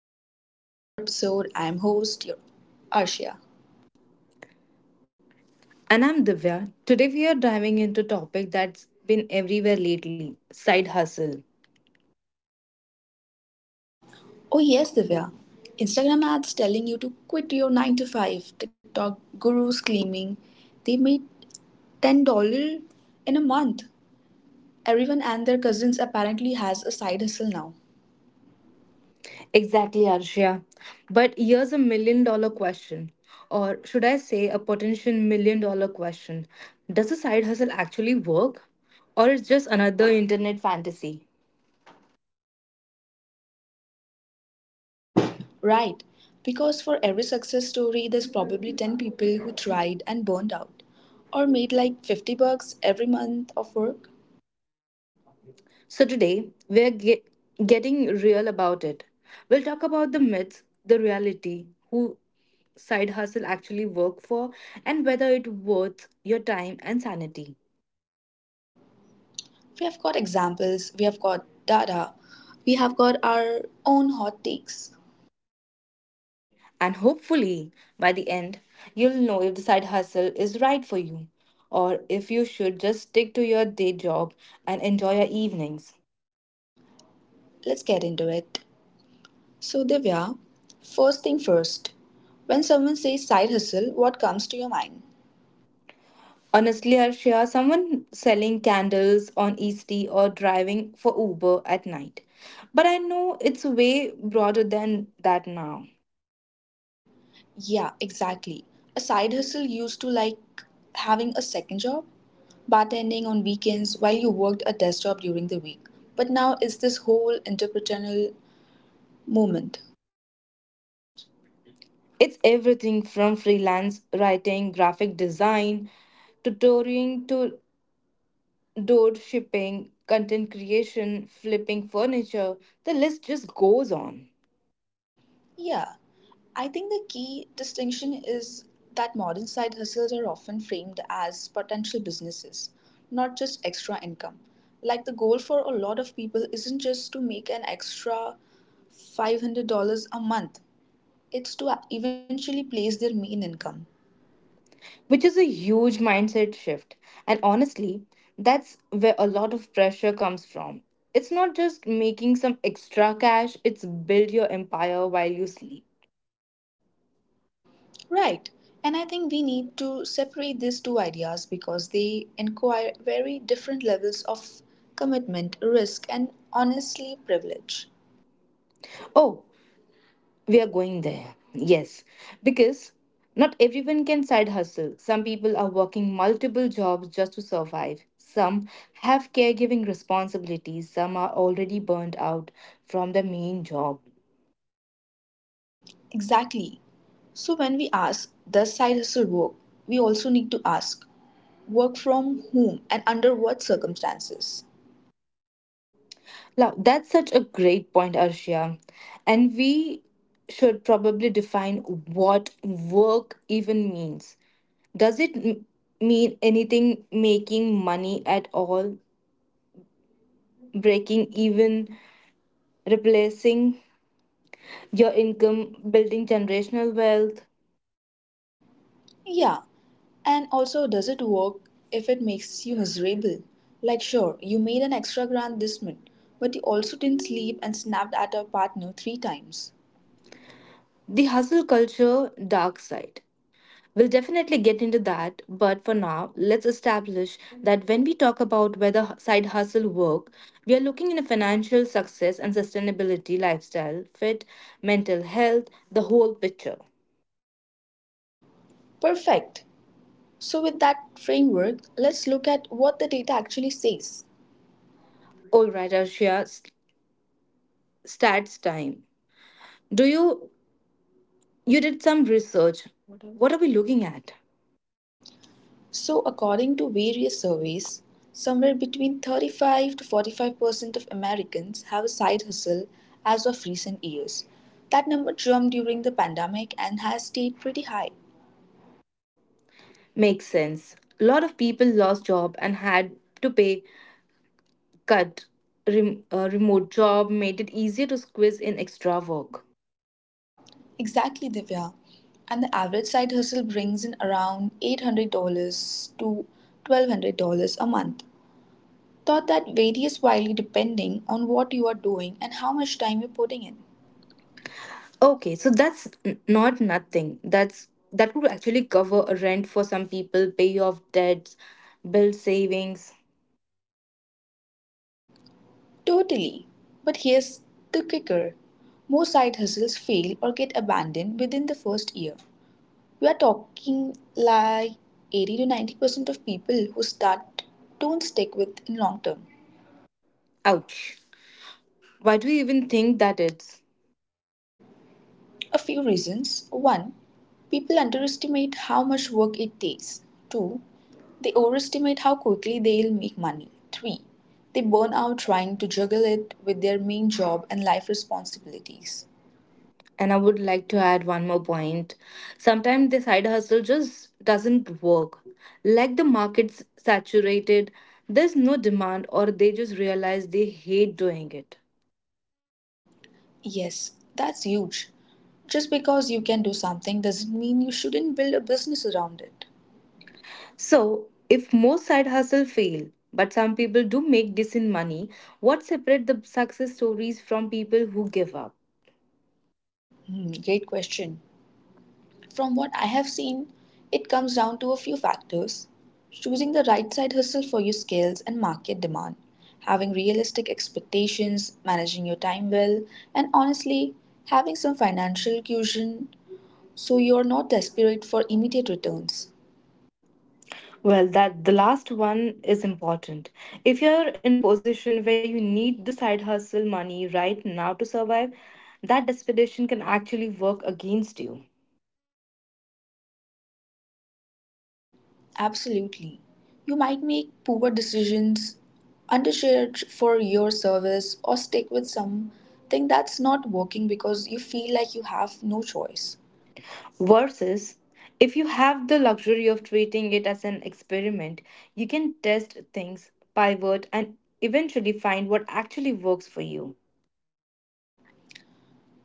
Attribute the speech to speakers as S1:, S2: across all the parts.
S1: everyone, welcome back to another episode. I am host your Arshia.
S2: And I'm Divya. Today we are diving into a topic that's been everywhere lately, side hustle.
S1: Oh yes, Divya. Instagram ads telling you to quit your 9 to 5. TikTok gurus claiming they made $10 in a month. Everyone and their cousins apparently has a side hustle now.
S2: Exactly, Arshia. But here's a million dollar question, or should I say a potential million dollar question. Does a side hustle actually work, or is just another internet fantasy?
S1: Right, because for every success story there's probably 10 people who tried and burned out or made like $50 every month of work.
S2: So getting real about it. We'll talk about the myths, the reality, who side hustle actually work for, and whether it worth your time and sanity.
S1: We have got examples, we have got data, we have got our own hot takes.
S2: And hopefully, by the end, you'll know if the side hustle is right for you, or if you should just stick to your day job and enjoy your evenings.
S1: Let's get into it. So, Divya, first thing first, when someone says side hustle, what comes to your mind?
S2: Honestly, Arshia, someone selling candles on Eastie or driving for Uber at night. But I know it's way broader than that now.
S1: Yeah, exactly. A side hustle used to like having a second job, bartending on weekends while you worked a desk job during the week. But now it's this whole entrepreneurial movement.
S2: It's everything from freelance writing, graphic design, tutoring to door shipping, content creation, flipping furniture, the list just goes on,
S1: Yeah, I think the key distinction is that modern side hustles are often framed as potential businesses, not just extra income. Like the goal for a lot of people isn't just to make an extra $500 a month, it's to eventually place their main income.
S2: which is a huge mindset shift. And honestly, that's where a lot of pressure comes from. It's not just making some extra cash, it's build your empire while you sleep.
S1: Right. And I think we need to separate these two ideas because they require very different levels of commitment, risk, and honestly privilege.
S2: Oh, we are going there. Yes, because not everyone can side hustle. Some people are working multiple jobs just to survive. Some have caregiving responsibilities. Some are already burnt out from the main job.
S1: Exactly. So when we ask, does side hustle work? We also need to ask, work from whom and under what circumstances?
S2: Now, that's such a great point, Arshia. And we should probably define what work even means. Does it mean anything, making money at all, breaking even, replacing your income, building generational wealth,
S1: Yeah, and also does it work if it makes you miserable? Like, sure, you made an extra grand this month, but you also didn't sleep and snapped at your partner three times.
S2: the hustle culture dark side. We'll definitely get into that, but for now, let's establish that when we talk about whether side hustle work, we are looking in a financial success and sustainability, lifestyle fit, mental health, the whole picture.
S1: Perfect. So, with that framework, let's look at what the data actually says.
S2: All right, Arshia, stats time. Do you you did some research? What are we looking at?
S1: So, according to various surveys, somewhere between 35 to 45% of Americans have a side hustle as of recent years. That number jumped during the pandemic and has stayed pretty high.
S2: Makes sense. A lot of people lost job and had to pay cut, remote job made it easier to squeeze in extra work.
S1: Exactly, Divya. And the average side hustle brings in around $800 to $1,200 a month. Thought that varies widely depending on what you are doing and how much time you're putting in.
S2: Okay, so that's not nothing. That's that would actually cover a rent for some people, pay off debts, build savings.
S1: Totally. But here's the kicker, most side hustles fail or get abandoned within the first year. We are talking like 80 to 90% of people who start don't stick with in long term.
S2: Ouch. Why do you even think that it's.
S1: A few reasons. One, people underestimate how much work it takes. Two, they overestimate how quickly they'll make money. Three, they burn out trying to juggle it with their main job and life responsibilities.
S2: And I would like to add one more point. Sometimes the side hustle just doesn't work, like the market's saturated, there's no demand, or they just realize they hate doing it.
S1: Yes, that's huge. Just because you can do something doesn't mean you shouldn't build a business around it.
S2: So, if most side hustle fail, but some people do make decent money, what separate the success stories from people who give up?
S1: Hmm, great question. From what I have seen, it comes down to a few factors: choosing the right side hustle for your skills and market demand, having realistic expectations, managing your time well, and honestly, having some financial cushion so you're not desperate for immediate returns.
S2: Well, that the last one is important. If you're in a position where you need the side hustle money right now to survive, that desperation can actually work against you.
S1: Absolutely. You might make poor decisions, undercharge for your service, or stick with something that's not working because you feel like you have no choice.
S2: Versus, if you have the luxury of treating it as an experiment, you can test things, pivot, and eventually find what actually works for you.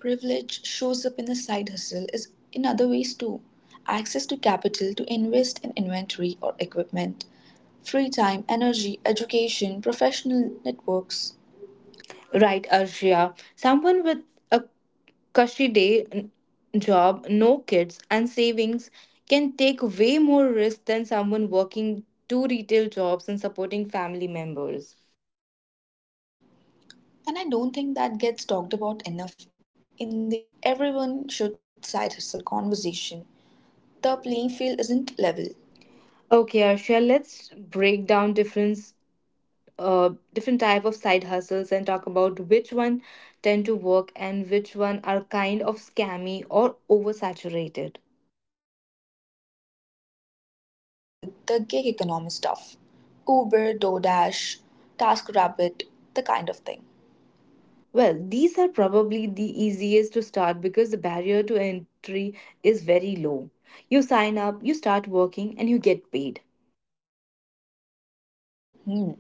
S1: Privilege shows up in the side hustle is in other ways too. Access to capital to invest in inventory or equipment, free time, energy, education, professional networks.
S2: Right, Arshia. Someone with a cushy job, no kids, and savings can take way more risk than someone working two retail jobs and supporting family members.
S1: And I don't think that gets talked about enough in the everyone should side hustle conversation. The playing field isn't level.
S2: Okay, Arshia, let's break down different type of side hustles and talk about which one tend to work and which one are kind of scammy or oversaturated.
S1: Yes, let's start with the gig economy stuff. Uber, DoorDash, TaskRabbit, the kind of thing.
S2: Well, these are probably the easiest to start because the barrier to entry is very low. You sign up, you start working, and you get paid.
S1: Hmm.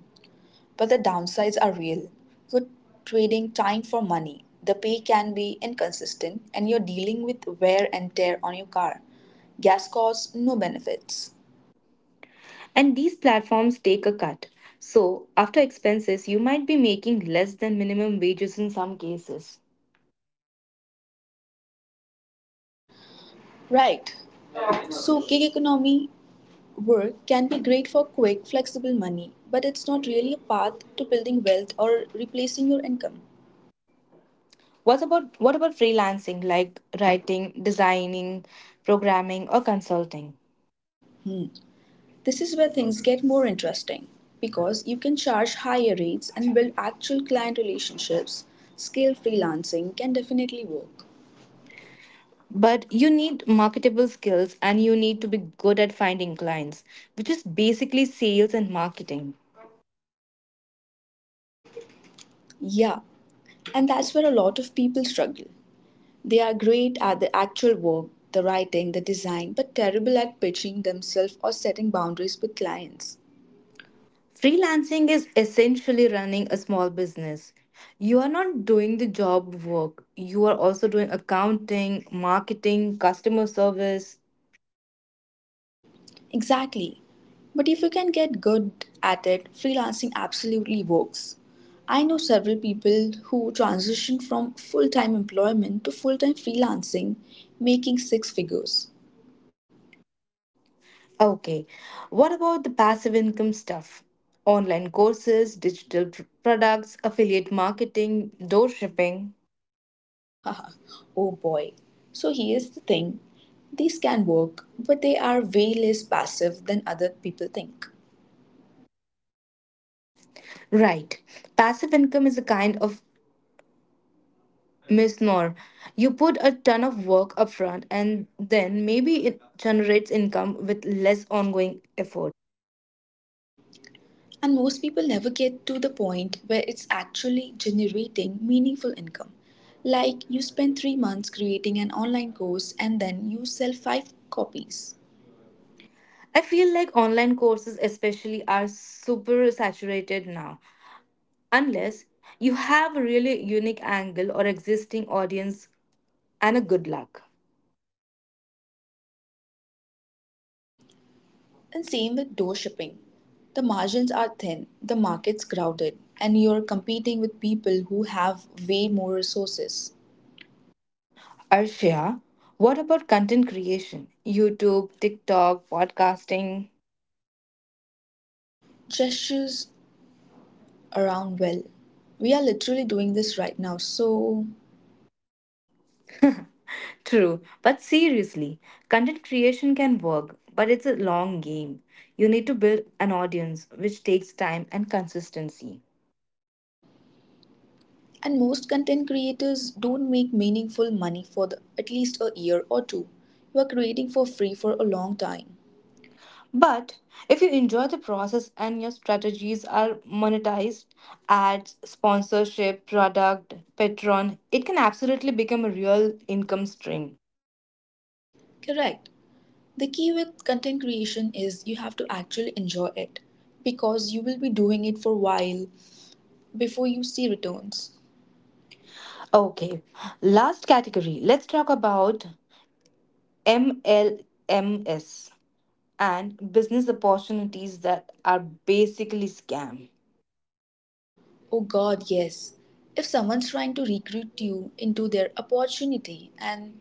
S1: But the downsides are real. You're trading time for money. The pay can be inconsistent and you're dealing with wear and tear on your car. Gas costs, no benefits.
S2: And these platforms take a cut. So, after expenses, you might be making less than minimum wages in some cases.
S1: Right. So gig economy work can be great for quick, flexible money, but it's not really a path to building wealth or replacing your income.
S2: What about freelancing, like writing, designing, programming, or consulting?
S1: Hmm. This is where things get more interesting because you can charge higher rates and build actual client relationships. Scale freelancing can definitely work.
S2: But you need marketable skills and you need to be good at finding clients, which is basically sales and marketing.
S1: Yeah, and that's where a lot of people struggle. They are great at the actual work, the writing, the design, but terrible at pitching themselves or setting boundaries with clients.
S2: Freelancing is essentially running a small business. You are not doing the job work, you are also doing accounting, marketing, customer service.
S1: Exactly. But if you can get good at it, freelancing absolutely works. I know several people who transitioned from full time employment to full time freelancing, making six figures.
S2: Okay, what about the passive income stuff? Online courses, digital products, affiliate marketing, door shipping.
S1: Oh boy. So here's the thing, these can work, but they are way less passive than other people think.
S2: Right. Passive income is a kind of misnomer. You put a ton of work upfront and then maybe it generates income with less ongoing effort.
S1: And most people never get to the point where it's actually generating meaningful income. Like you spend 3 months creating an online course and then you sell five copies.
S2: I feel like online courses, especially, are super saturated now, unless you have a really unique angle or existing audience, and a good luck.
S1: And same with door shipping. The margins are thin, the market's crowded, and you're competing with people who have way more resources.
S2: Arshia, what about content creation? YouTube, TikTok, podcasting?
S1: Gestures around well. We are literally doing this right now, so.
S2: True, but seriously, content creation can work, but it's a long game. You need to build an audience, which takes time and consistency.
S1: And most content creators don't make meaningful money for the, at least a year or two. You are creating for free for a long time.
S2: But if you enjoy the process and your strategies are monetized, ads, sponsorship, product, Patreon, it can absolutely become a real income stream.
S1: Correct. The key with content creation is you have to actually enjoy it because you will be doing it for a while before you see returns.
S2: Okay, last category. Let's talk about MLMs and business opportunities that are basically scam.
S1: Oh god, yes. If someone's trying to recruit you into their opportunity and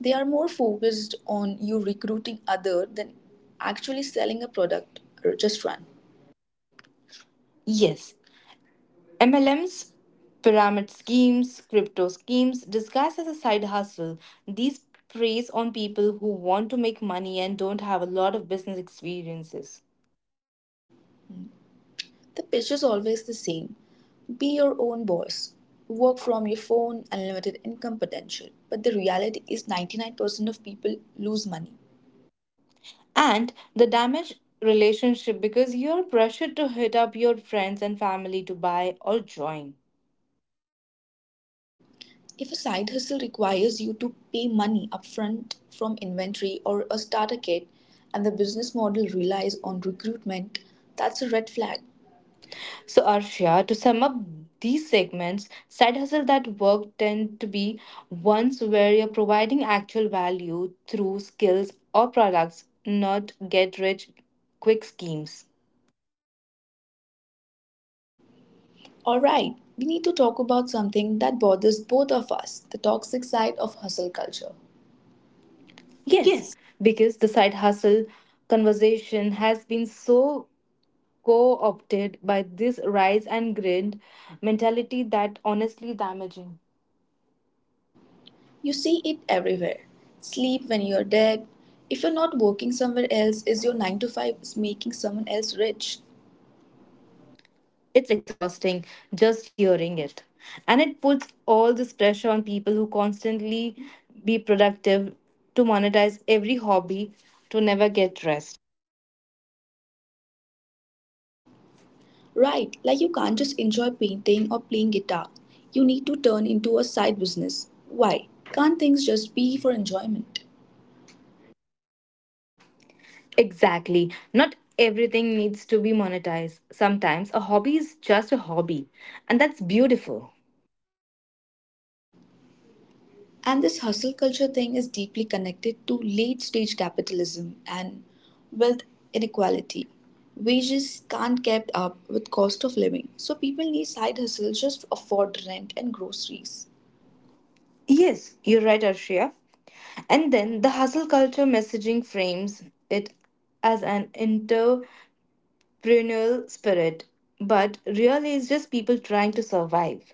S1: they are more focused on you recruiting other than actually selling a product or just run.
S2: Yes, MLMs, pyramid schemes, crypto schemes, disguised as a side hustle, these preys on people who want to make money and don't have a lot of business experiences.
S1: The pitch is always the same: be your own boss, work from your phone, unlimited income potential. But the reality is 99% of people lose money.
S2: And the damaged relationship because you're pressured to hit up your friends and family to buy or join.
S1: If a side hustle requires you to pay money upfront from inventory or a starter kit and the business model relies on recruitment, that's a red flag.
S2: So, Arshia, to sum up these segments, side hustle that work tend to be ones where you're providing actual value through skills or products, not get rich quick schemes.
S1: Alright, we need to talk about something that bothers both of us, the toxic side of hustle culture. Yes.
S2: Yes, because the side hustle conversation has been so co opted by this rise and grind mentality that honestly damaging.
S1: You see it everywhere. Sleep when you're dead. If you're not working somewhere else, is your 9 to 5 is making someone else rich?
S2: It's exhausting just hearing it. And it puts all this pressure on people who constantly be productive, to monetize every hobby, to never get rest.
S1: Right, like you can't just enjoy painting or playing guitar. You need to turn into a side business. Why? Can't things just be for enjoyment?
S2: Exactly. Not everything needs to be monetized. Sometimes a hobby is just a hobby, and that's beautiful.
S1: And this hustle culture thing is deeply connected to late stage capitalism and wealth inequality. Wages can't keep up with cost of living, so people need side hustles just to afford rent and groceries.
S2: Yes, you're right, Arshia. And then the hustle culture messaging frames it as an entrepreneurial spirit, but really it's just people trying to survive.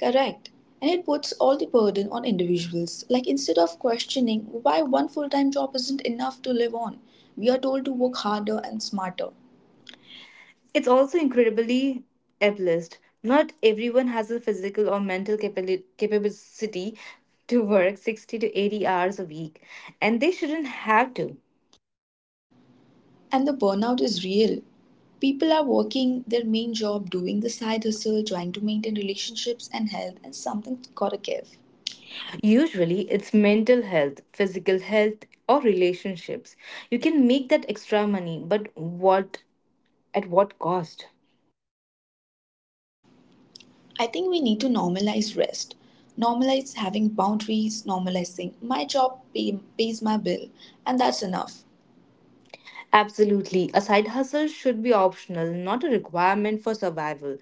S1: Correct. And it puts all the burden on individuals. Like instead of questioning why one full time job isn't enough to live on, we are told to work harder and smarter.
S2: It's also incredibly ableist. Not everyone has the physical or mental capability to work 60 to 80 hours a week, and they shouldn't have to.
S1: And the burnout is real. People are working their main job, doing the side hustle, trying to maintain relationships and health, and something gotta give.
S2: Usually, it's mental health, physical health, or relationships. You can make that extra money, but what at what cost?
S1: I think we need to normalize rest. Normalize having boundaries, normalizing my job pay, pays my bill, and that's enough.
S2: Absolutely. A side hustle should be optional, not a requirement for survival.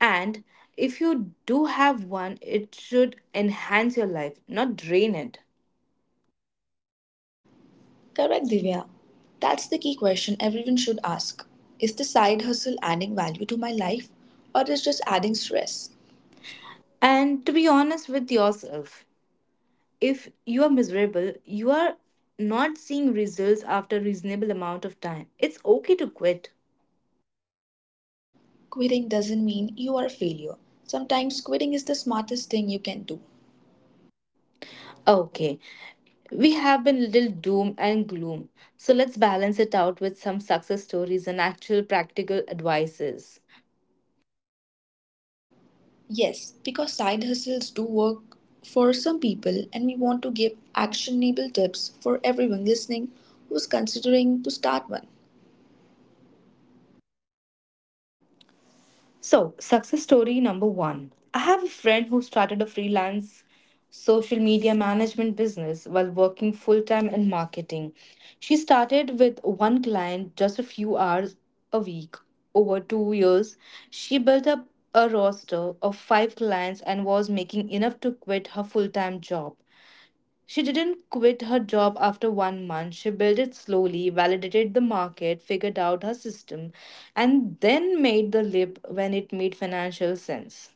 S2: And if you do have one, it should enhance your life, not drain it.
S1: Correct, Divya. That's the key question everyone should ask. Is the side hustle adding value to my life or is just adding stress?
S2: And to be honest with yourself, if you are miserable, you are not seeing results after a reasonable amount of time, it's okay to quit.
S1: Quitting doesn't mean you are a failure. Sometimes quitting is the smartest thing you can do.
S2: Okay, we have been little doom and gloom. So let's balance it out with some success stories and actual practical advices.
S1: Yes, because side hustles do work for some people and we want to give actionable tips for everyone listening who's considering to start one.
S2: So, success story number one. I have a friend who started a freelance social media management business while working full time in marketing. She started with one client just a few hours a week. Over 2 years, she built up a roster of five clients and was making enough to quit her full time job. She didn't quit her job after 1 month. She built it slowly, validated the market, figured out her system, and then made the leap when it made financial sense.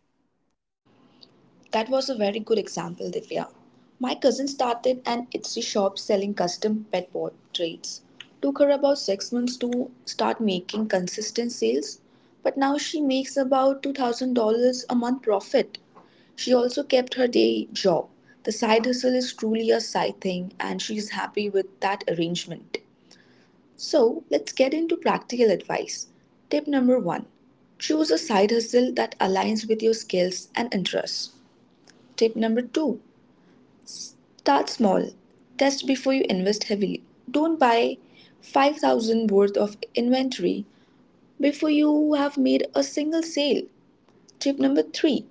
S1: That was a very good example, Divya. My cousin started an Etsy shop selling custom pet portraits. Took her about 6 months to start making consistent sales, but now she makes about $2,000 a month profit. She also kept her day job. The side hustle is truly a side thing, and she's happy with that arrangement. So, let's get into practical advice. Tip number one, choose a side hustle that aligns with your skills and interests. Tip number two, start small. Test before you invest heavily. Don't buy 5,000 worth of inventory before you have made a single sale. Tip number 3,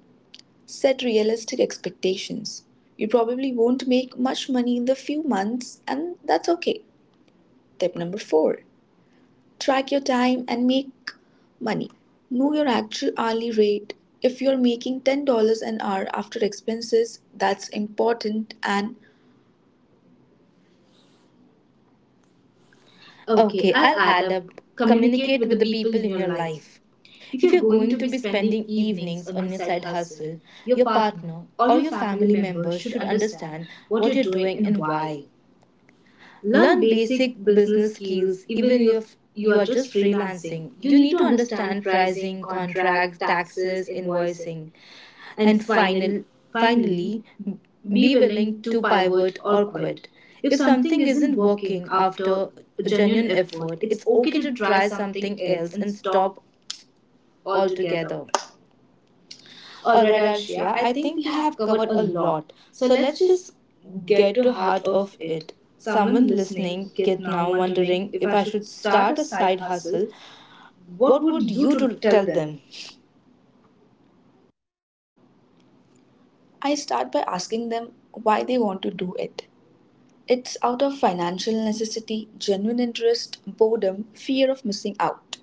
S1: set realistic expectations. You probably won't make much money in the few months, and that's okay. Tip number 4, track your time and make money. Know your actual hourly rate. If you're making $10 an hour after expenses, that's important and okay,
S2: Okay,
S1: I'll
S2: I'll
S1: add
S2: add
S1: up.
S2: up.
S1: Communicate
S2: Communicate
S1: with the
S2: with the
S1: people
S2: people
S1: in
S2: in
S1: your
S2: your
S1: life.
S2: life.
S1: If you're
S2: If you're
S1: going to
S2: going to
S1: be
S2: be
S1: spending
S2: spending
S1: evenings
S2: evenings
S1: on your
S2: on your
S1: side
S2: side
S1: hustle,
S2: hustle,
S1: your
S2: your
S1: partner
S2: partner
S1: or
S2: or
S1: your
S2: your
S1: family
S2: family
S1: member
S2: member
S1: should
S2: should
S1: understand
S2: understand
S1: what you're
S2: what you're
S1: doing
S2: doing
S1: and
S2: and
S1: why.
S2: why.
S1: Learn
S2: Learn
S1: basic
S2: basic
S1: business
S2: business
S1: skills
S2: skills
S1: even
S2: even
S1: if
S2: if
S1: you are
S2: you are
S1: just
S2: just
S1: freelancing.
S2: freelancing.
S1: You
S2: You
S1: need to
S2: need to
S1: understand
S2: understand
S1: pricing,
S2: pricing,
S1: contract,
S2: contracts,
S1: taxes,
S2: taxes,
S1: invoicing.
S2: invoicing,
S1: And
S2: and
S1: finally,
S2: finally,
S1: be
S2: be
S1: willing
S2: willing
S1: to
S2: to
S1: pivot
S2: pivot
S1: or
S2: or
S1: quit.
S2: quit.
S1: If
S2: If
S1: something
S2: something
S1: isn't
S2: isn't
S1: working
S2: working
S1: after
S2: after
S1: a
S2: a
S1: genuine
S2: genuine
S1: effort,
S2: effort,
S1: it's
S2: it's
S1: okay
S2: okay
S1: to
S2: to
S1: try
S2: try
S1: something
S2: something
S1: else
S2: else
S1: and
S2: and
S1: stop
S2: stop
S1: altogether.
S2: altogether. All
S1: Alright,
S2: right,
S1: Arshia,
S2: Arshia,
S1: I
S2: I
S1: think we
S2: think we
S1: have
S2: have
S1: covered
S2: covered
S1: a
S2: a
S1: lot.
S2: lot.
S1: So
S2: So
S1: let's
S2: let's
S1: just
S2: just
S1: get
S2: get
S1: to
S2: to
S1: heart
S2: heart
S1: of
S2: of
S1: it.
S2: it.
S1: Someone
S2: Someone
S1: listening
S2: listening
S1: get
S2: get
S1: now
S2: now
S1: wondering
S2: wondering
S1: if
S2: if
S1: I
S2: I
S1: should
S2: should
S1: start a
S2: start a
S1: side
S2: side
S1: hustle.
S2: hustle,
S1: What
S2: what would
S1: would you
S2: you
S1: to
S2: to
S1: tell
S2: tell
S1: them?
S2: them?
S1: I start by asking them why they want to do it. It's out of financial necessity, genuine interest, boredom, fear of missing out.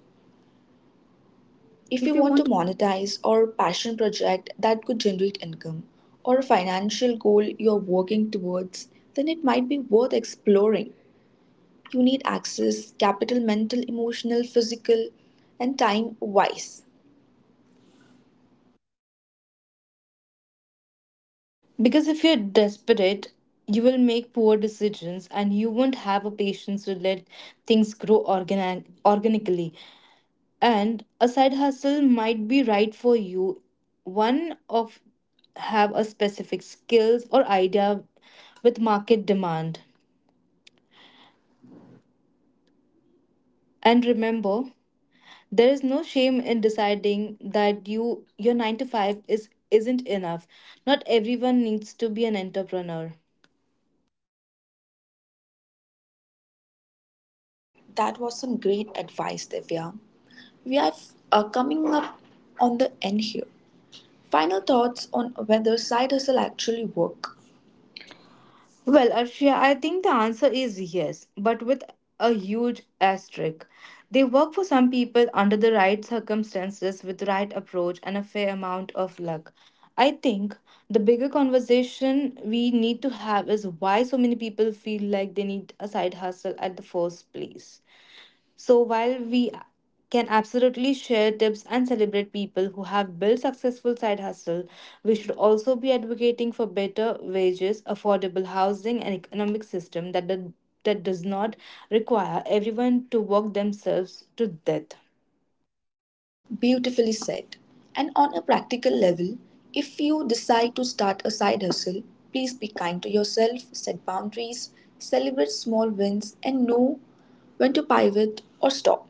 S1: If
S2: If
S1: you
S2: you
S1: want to
S2: want.
S1: monetize or passion project that could generate income or a financial goal you're working towards, then it might be worth exploring. You need access, capital, mental, emotional, physical, and time wise.
S2: Because if you're desperate, you will make poor decisions and you won't have a patience to let things grow organically. And a side hustle might be right for you, one of, have a specific skills or idea with market demand. And remember, there is no shame in deciding that you your 9 to 5 is isn't enough. Not everyone needs to be an entrepreneur.
S1: That was some great advice, Divya. We are coming up on the end here. Final thoughts on whether side hustle actually work.
S2: Well, Arshia, I think the answer is yes, but with a huge asterisk. They work for some people under the right circumstances, with the right approach, and a fair amount of luck. I think the bigger conversation we need to have is why so many people feel like they need a side hustle at the first place. So while we can absolutely share tips and celebrate people who have built successful side hustle, we should also be advocating for better wages, affordable housing, and economic system that does not require everyone to work themselves to death.
S1: Beautifully said. And on a practical level, if you decide to start a side hustle, please be kind to yourself, set boundaries, celebrate small wins, and know when to pivot or stop.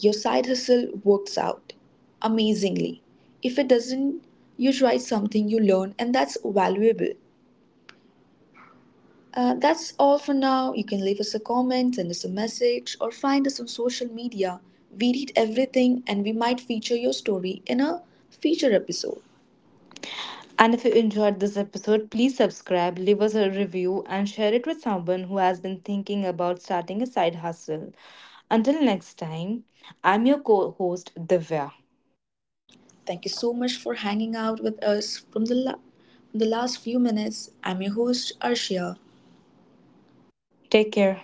S1: Your side hustle works out amazingly. If it doesn't, you tried something you learned, and that's valuable. That's all for now. You can leave us a comment, send us a message, or find us on social media. We read everything and we might feature your story in a future episode.
S2: And if you enjoyed this episode, please subscribe, leave us a review, and share it with someone who has been thinking about starting a side hustle. Until next time, I'm your co host, Divya.
S1: Thank you so much for hanging out with us from the last few minutes. I'm your host, Arshia.
S2: Take care.